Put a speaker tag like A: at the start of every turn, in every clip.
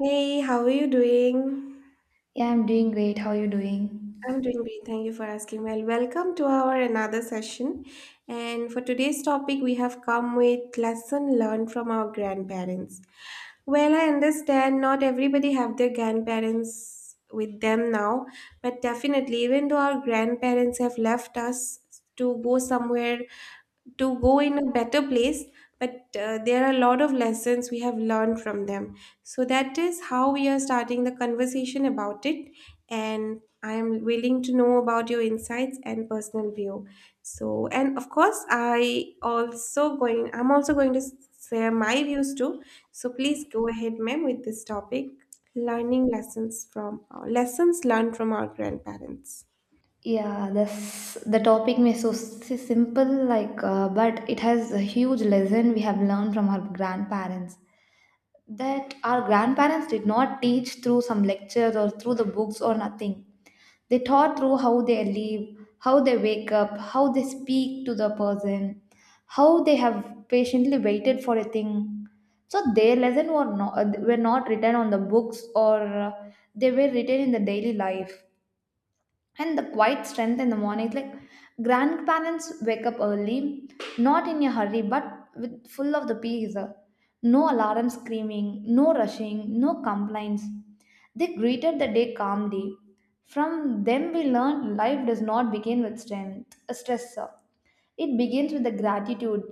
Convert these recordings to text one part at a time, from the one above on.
A: Hey, how are you doing?
B: Yeah, I'm doing great. How are you doing?
A: I'm doing great. Thank you for asking. Well, welcome to our another session. And for today's topic, we have come with lesson learned from our grandparents. Well, I understand not everybody have their grandparents with them now, but definitely, even though our grandparents have left us to go somewhere to go in a better place, but there are a lot of lessons we have learned from them. So that is how we are starting the conversation about it. And I am willing to know about your insights and personal view. So, and of course, I'm also going to share my views too. So please go ahead, ma'am, with this topic learning lessons from lessons learned from our grandparents.
B: Yeah, this the topic may so simple like but it has a huge lesson we have learned from our grandparents that our grandparents did not teach through some lectures or through the books or nothing. They taught through how they live, how they wake up, how they speak to the person, how they have patiently waited for a thing. So their lesson were not written on the books, or they were written in the daily life, and the quiet strength in the morning. It's like grandparents wake up early, not in a hurry, but with full of the peace. No alarm screaming, no rushing, no complaints. They greeted the day calmly. From them we learned life does not begin with strength a stress, it begins with the gratitude.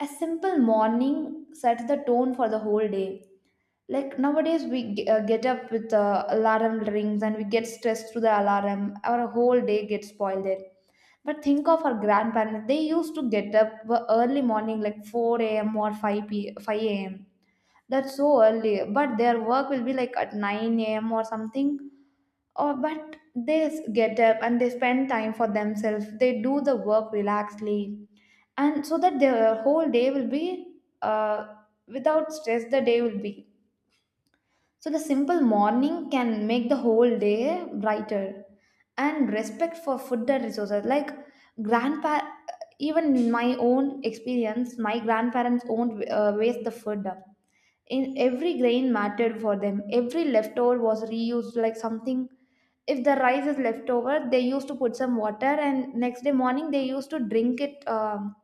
B: A simple morning sets the tone for the whole day. Like nowadays we get up with alarm rings and we get stressed through the alarm, our whole day gets spoiled there. But think of our grandparents, they used to get up early morning like 4 a.m or 5 a.m. That's so early, but their work will be like at 9 a.m or something. Or but they get up and they spend time for themselves, they do the work relaxedly, and so that their whole day will be without stress. The day will be, so the simple morning can make the whole day brighter. And respect for food and resources. Like grandpa, even in my own experience, my grandparents won't waste the food. In every grain mattered for them. Every leftover was reused like something. If the rice is leftover, they used to put some water, and next day morning they used to drink it.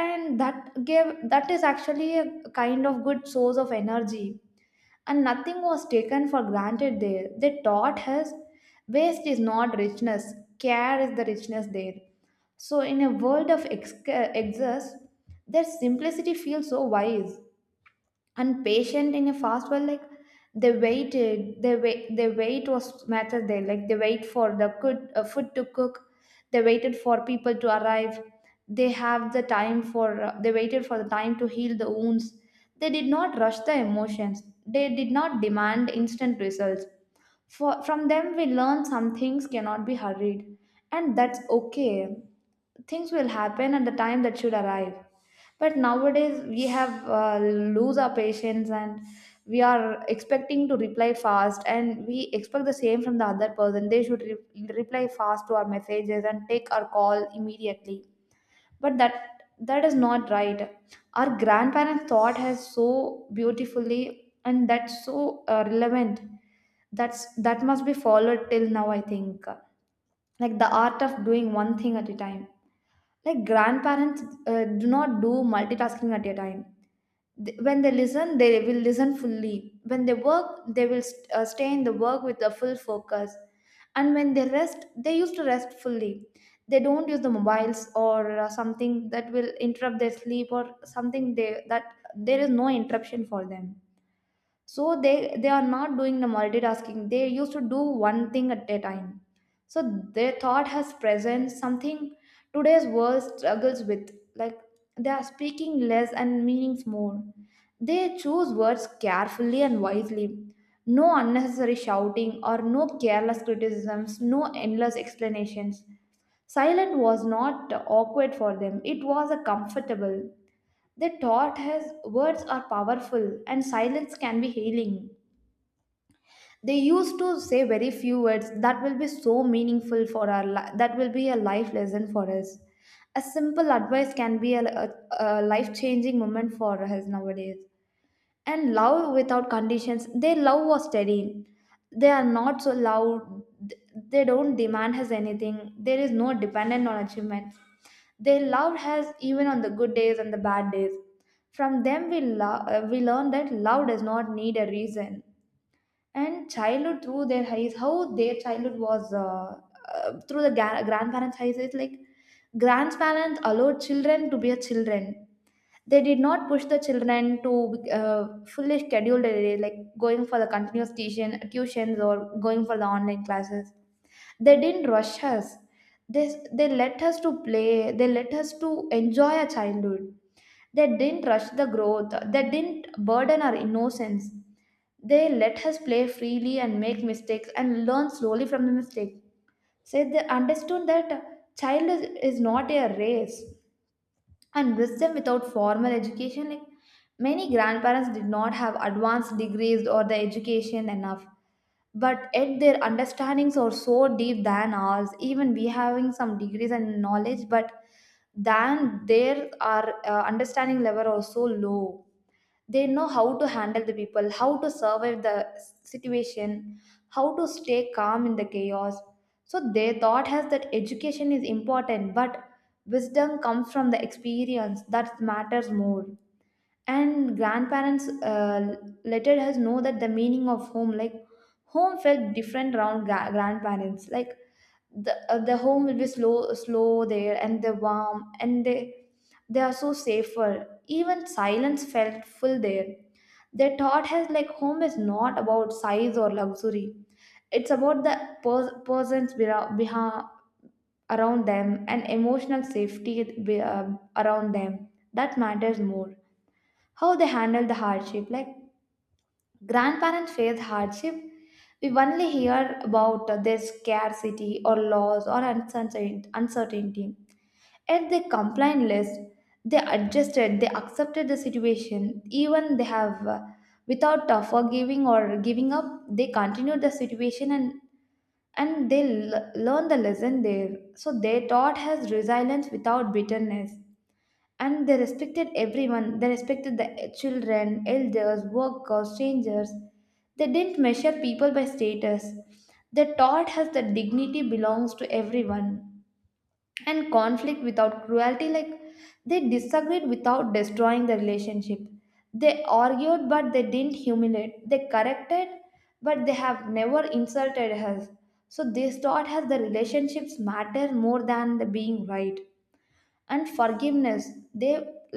B: And that gave, that is actually a kind of good source of energy, and nothing was taken for granted there. They taught us waste is not richness, care is the richness there. So, in a world of excess, their simplicity feels so wise and patient in a fast world. Like they wait, their wait was matter there. Like they wait for the good food to cook, they waited for people to arrive, they have the time for, they waited for the time to heal the wounds. They did not rush the emotions, they did not demand instant results. From them, we learn some things cannot be hurried, and that's okay. Things will happen at the time that should arrive. But nowadays, we have lose our patience, and we are expecting to reply fast, and we expect the same from the other person. They should reply fast to our messages and take our call immediately. But that, that is not right. Our grandparents thought has so beautifully, and that's so relevant. That's, that must be followed till now, I think. Like the art of doing one thing at a time. Like grandparents do not do multitasking at a time. When they listen, they will listen fully. When they work, they will stay in the work with a full focus. And when they rest, they used to rest fully. They don't use the mobiles or something that will interrupt their sleep or something, they that, there is no interruption for them. So they are not doing the multitasking, they used to do one thing at a time. So their thought has present something today's world struggles with. Like they are speaking less and meanings more, they choose words carefully and wisely. No unnecessary shouting, or no careless criticisms, no endless explanations. Silent was not awkward for them, it was a comfortable. They taught us words are powerful and silence can be healing. They used to say very few words that will be so meaningful for our that will be a life lesson for us. A simple advice can be a life changing moment for us nowadays. And love without conditions. Their love was steady, they are not so loud. They don't demand us anything, there is no dependent on achievements. They love us even on the good days and the bad days. From them we, we learn that love does not need a reason. And childhood through their eyes, how their childhood was, through the grandparents eyes. It's like grandparents allowed children to be a children. They did not push the children to fully scheduled, like going for the continuous tuitions or going for the online classes. They didn't rush us. They let us to play, they let us to enjoy our childhood. They didn't rush the growth, they didn't burden our innocence. They let us play freely and make mistakes and learn slowly from the mistake. Say they understood that child is not a race. And wisdom without formal education. Like many grandparents did not have advanced degrees or the education enough, but yet their understandings are so deep than ours. Even we having some degrees and knowledge, but than their our understanding level are so low. They know how to handle the people, how to survive the situation, how to stay calm in the chaos. So their thought has that education is important, but wisdom comes from the experience that matters more. And grandparents let us know that the meaning of home. Like home felt different around grandparents. Like the home will be slow there, and they're warm, and they are so safer, even silence felt full there. They taught has like home is not about size or luxury, it's about the persons behind, around them, and emotional safety be- uh, around them that matters more. How they handle the hardship. Like grandparents face hardship, we only hear about their scarcity or loss or uncertainty. Yet they complain less. They adjusted. They accepted the situation. Even without forgiving or giving up, they continued the situation, and they learn the lesson there. So their thought has resilience without bitterness. And they respected everyone. They respected the children, elders, workers, strangers. They didn't measure people by status. They taught us that dignity belongs to everyone. And conflict without cruelty. Like they disagreed without destroying the relationship. They argued, but they didn't humiliate. They corrected, but they have never insulted us. So, this taught us the relationships matter more than the being right. And forgiveness, they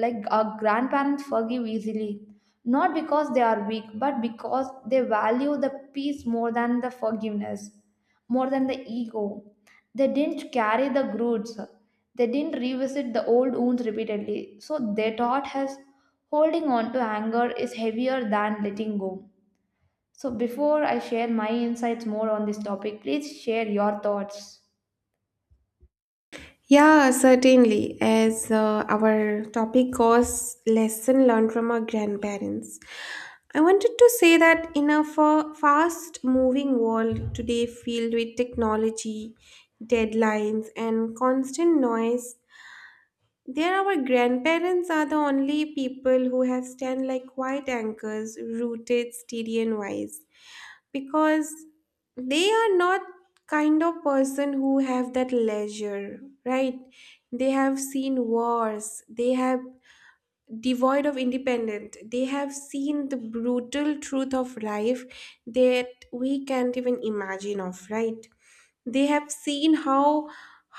B: like our grandparents forgive easily, not because they are weak, but because they value the peace more than the forgiveness, more than the ego. They didn't carry the groods, they didn't revisit the old wounds repeatedly. So they taught us holding on to anger is heavier than letting go. So before I share my insights more on this topic, please share your thoughts.
A: Yeah, certainly. As our topic goes, lesson learned from our grandparents. I wanted to say that in a fast moving world today, filled with technology, deadlines, and constant noise, there our grandparents are the only people who have stand like quiet anchors, rooted steady and wise, because they are not kind of person who have that leisure, right? They have seen wars, they have devoid of independence, they have seen the brutal truth of life that we can't even imagine of, right? They have seen how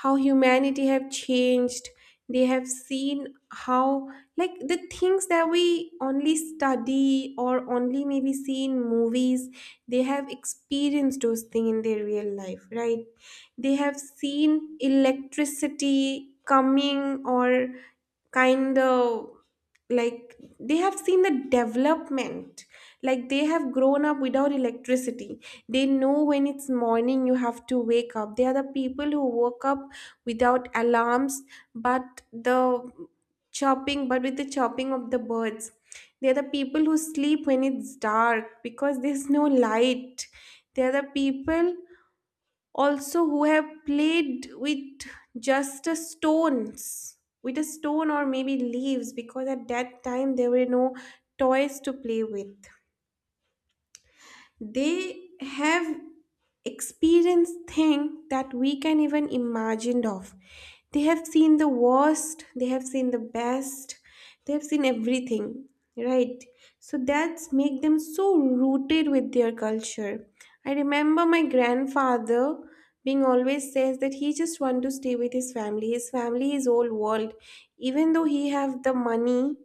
A: humanity have changed. They have seen how, like, the things that we only study or only maybe see in movies, they have experienced those things in their real life, right? They have seen electricity coming, or kind of, like, they have seen the development. Like, they have grown up without electricity. They know when it's morning you have to wake up. They are the people who woke up without alarms, but the but with the chopping of the birds. They are the people who sleep when it's dark because there's no light. They are the people also who have played just a stones with a stone or maybe leaves, because at that time there were no toys to play with. They have experienced things that we can even imagined of. They have seen the worst, they have seen the best, they have seen everything, right? So that's make them so rooted with their culture. I remember my grandfather being always says that he just want to stay with his family is old world. Even though he have the money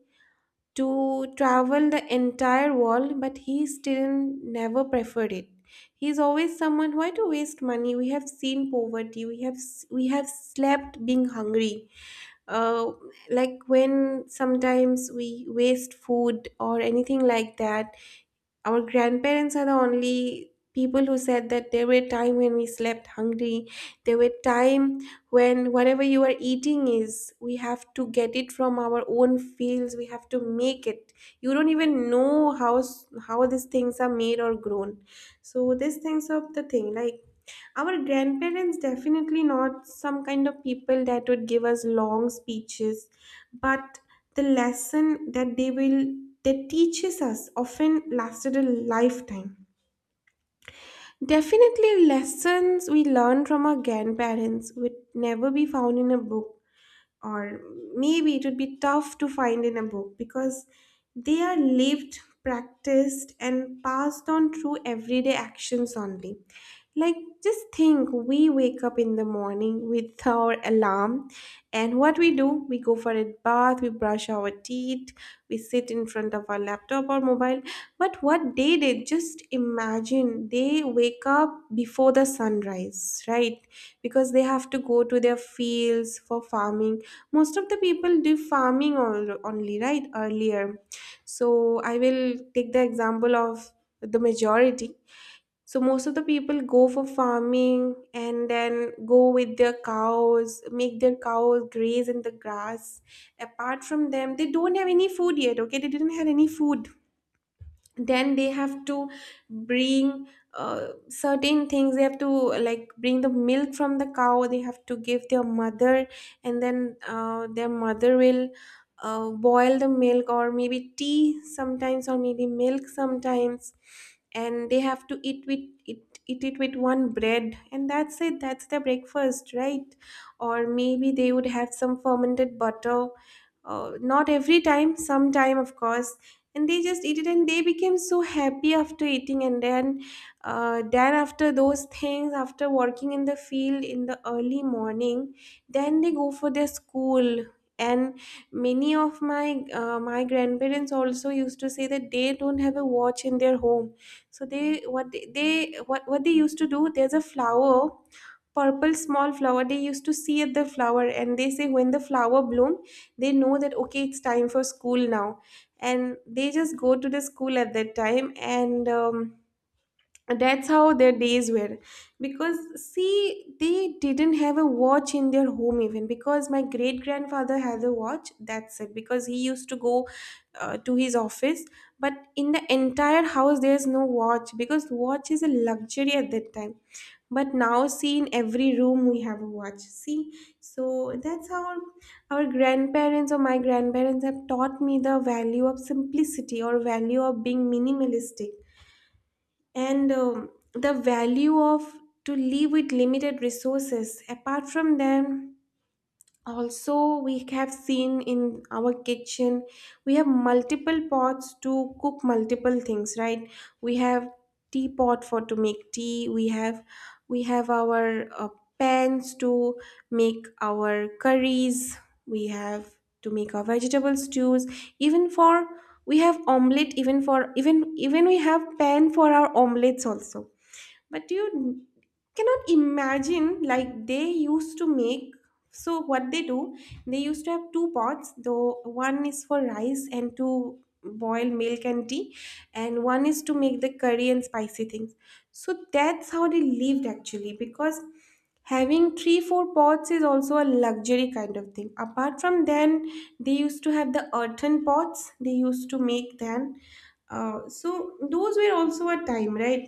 A: to travel the entire world, but he still never preferred it. He's always someone why to waste money. We have seen poverty. We have slept being hungry. Uh, like when sometimes we waste food or anything like that. Our grandparents are the only people who said that there were time when we slept hungry. There were time when whatever you are eating is, we have to get it from our own fields. We have to make it. You don't even know how these things are made or grown. So these things of the thing, like, our grandparents definitely not some kind of people that would give us long speeches, but the lesson that they will that teaches us often lasted a lifetime. Definitely lessons we learn from our grandparents would never be found in a book, or maybe it would be tough to find in a book, because they are lived, practiced, and passed on through everyday actions only. Like, just think we wake up in the morning with our alarm, and what we do, we go for a bath, we brush our teeth, we sit in front of our laptop or mobile. But what they did, just imagine, they wake up before the sunrise, right? Because they have to go to their fields for farming. Most of the people do farming only, right? Earlier. So I will take the example of the majority. So most of the people go for farming and then go with their cows, make their cows graze in the grass. Apart from them, they don't have any food yet, okay? They didn't have any food, then they have to bring certain things. They have to, like, bring the milk from the cow. They have to give their mother, and then their mother will boil the milk, or maybe tea sometimes or maybe milk sometimes, and they have to eat it with one bread, and that's it, that's their breakfast, right? Or maybe they would have some fermented butter, not every time, sometime of course. And they just eat it and they became so happy after eating, and then after those things, after working in the field in the early morning, then they go for their school. And many of my my grandparents also used to say that they don't have a watch in their home. So they what they what they used to do, there's a flower purple small flower they used to see at the flower, and they say when the flower bloom, they know that, okay, it's time for school now, and they just go to the school at that time. And that's how their days were. Because see, they didn't have a watch in their home even, because my great grandfather has a watch, that's it, because he used to go to his office. But in the entire house there's no watch, because watch is a luxury at that time. But now see, in every room we have a watch, see. So that's how our grandparents, or my grandparents, have taught me the value of simplicity, or value of being minimalistic. And the value of to live with limited resources. Apart from them, also we have seen in our kitchen we have multiple pots to cook multiple things, right? We have teapot for to make tea, we have, our pans to make our curries. We have to make our vegetable stews. Even for, we have omelette, even for, even even we have pan for our omelettes also. But you cannot imagine. Like, they used to make so what they do, they used to have two pots though. One is for rice and to boil milk and tea, and one is to make the curry and spicy things. So that's how they lived actually, because having three four pots is also a luxury kind of thing. Apart from then, they used to have the earthen pots they used to make then. So those were also a time, right?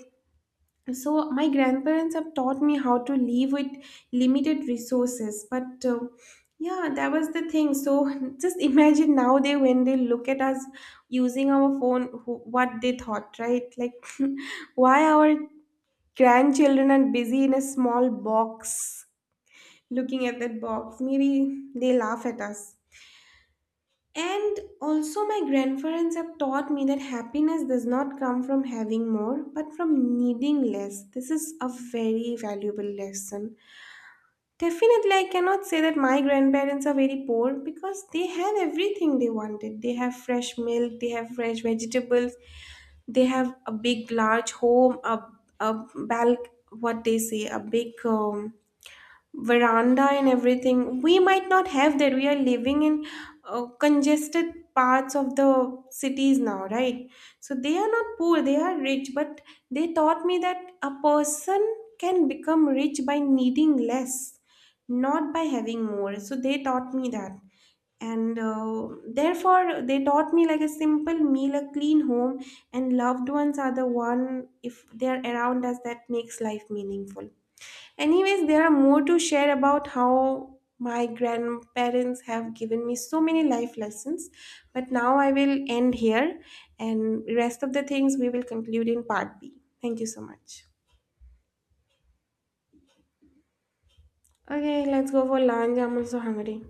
A: So, my grandparents have taught me how to live with limited resources, but yeah, that was the thing. So, just imagine now, they when they look at us using our phone, what they thought, right? Like, why our grandchildren are busy in a small box, looking at that box? Maybe they laugh at us. And also, my grandparents have taught me that happiness does not come from having more, but from needing less. This is a very valuable lesson. Definitely, I cannot say that my grandparents are very poor, because they had everything they wanted. They have fresh milk, they have fresh vegetables, they have a big, large home, a balc, what they say, a big veranda, and everything we might not have, that we are living in congested parts of the cities now, right? So they are not poor, they are rich, but they taught me that a person can become rich by needing less, not by having more. So they taught me that. And therefore they taught me, like, a simple meal, a clean home, and loved ones are the one, if they are around us, that makes life meaningful. Anyways, there are more to share about how my grandparents have given me so many life lessons, but now I will end here, and rest of the things we will conclude in part B. Thank you so much. Okay, let's go for lunch. I'm also hungry.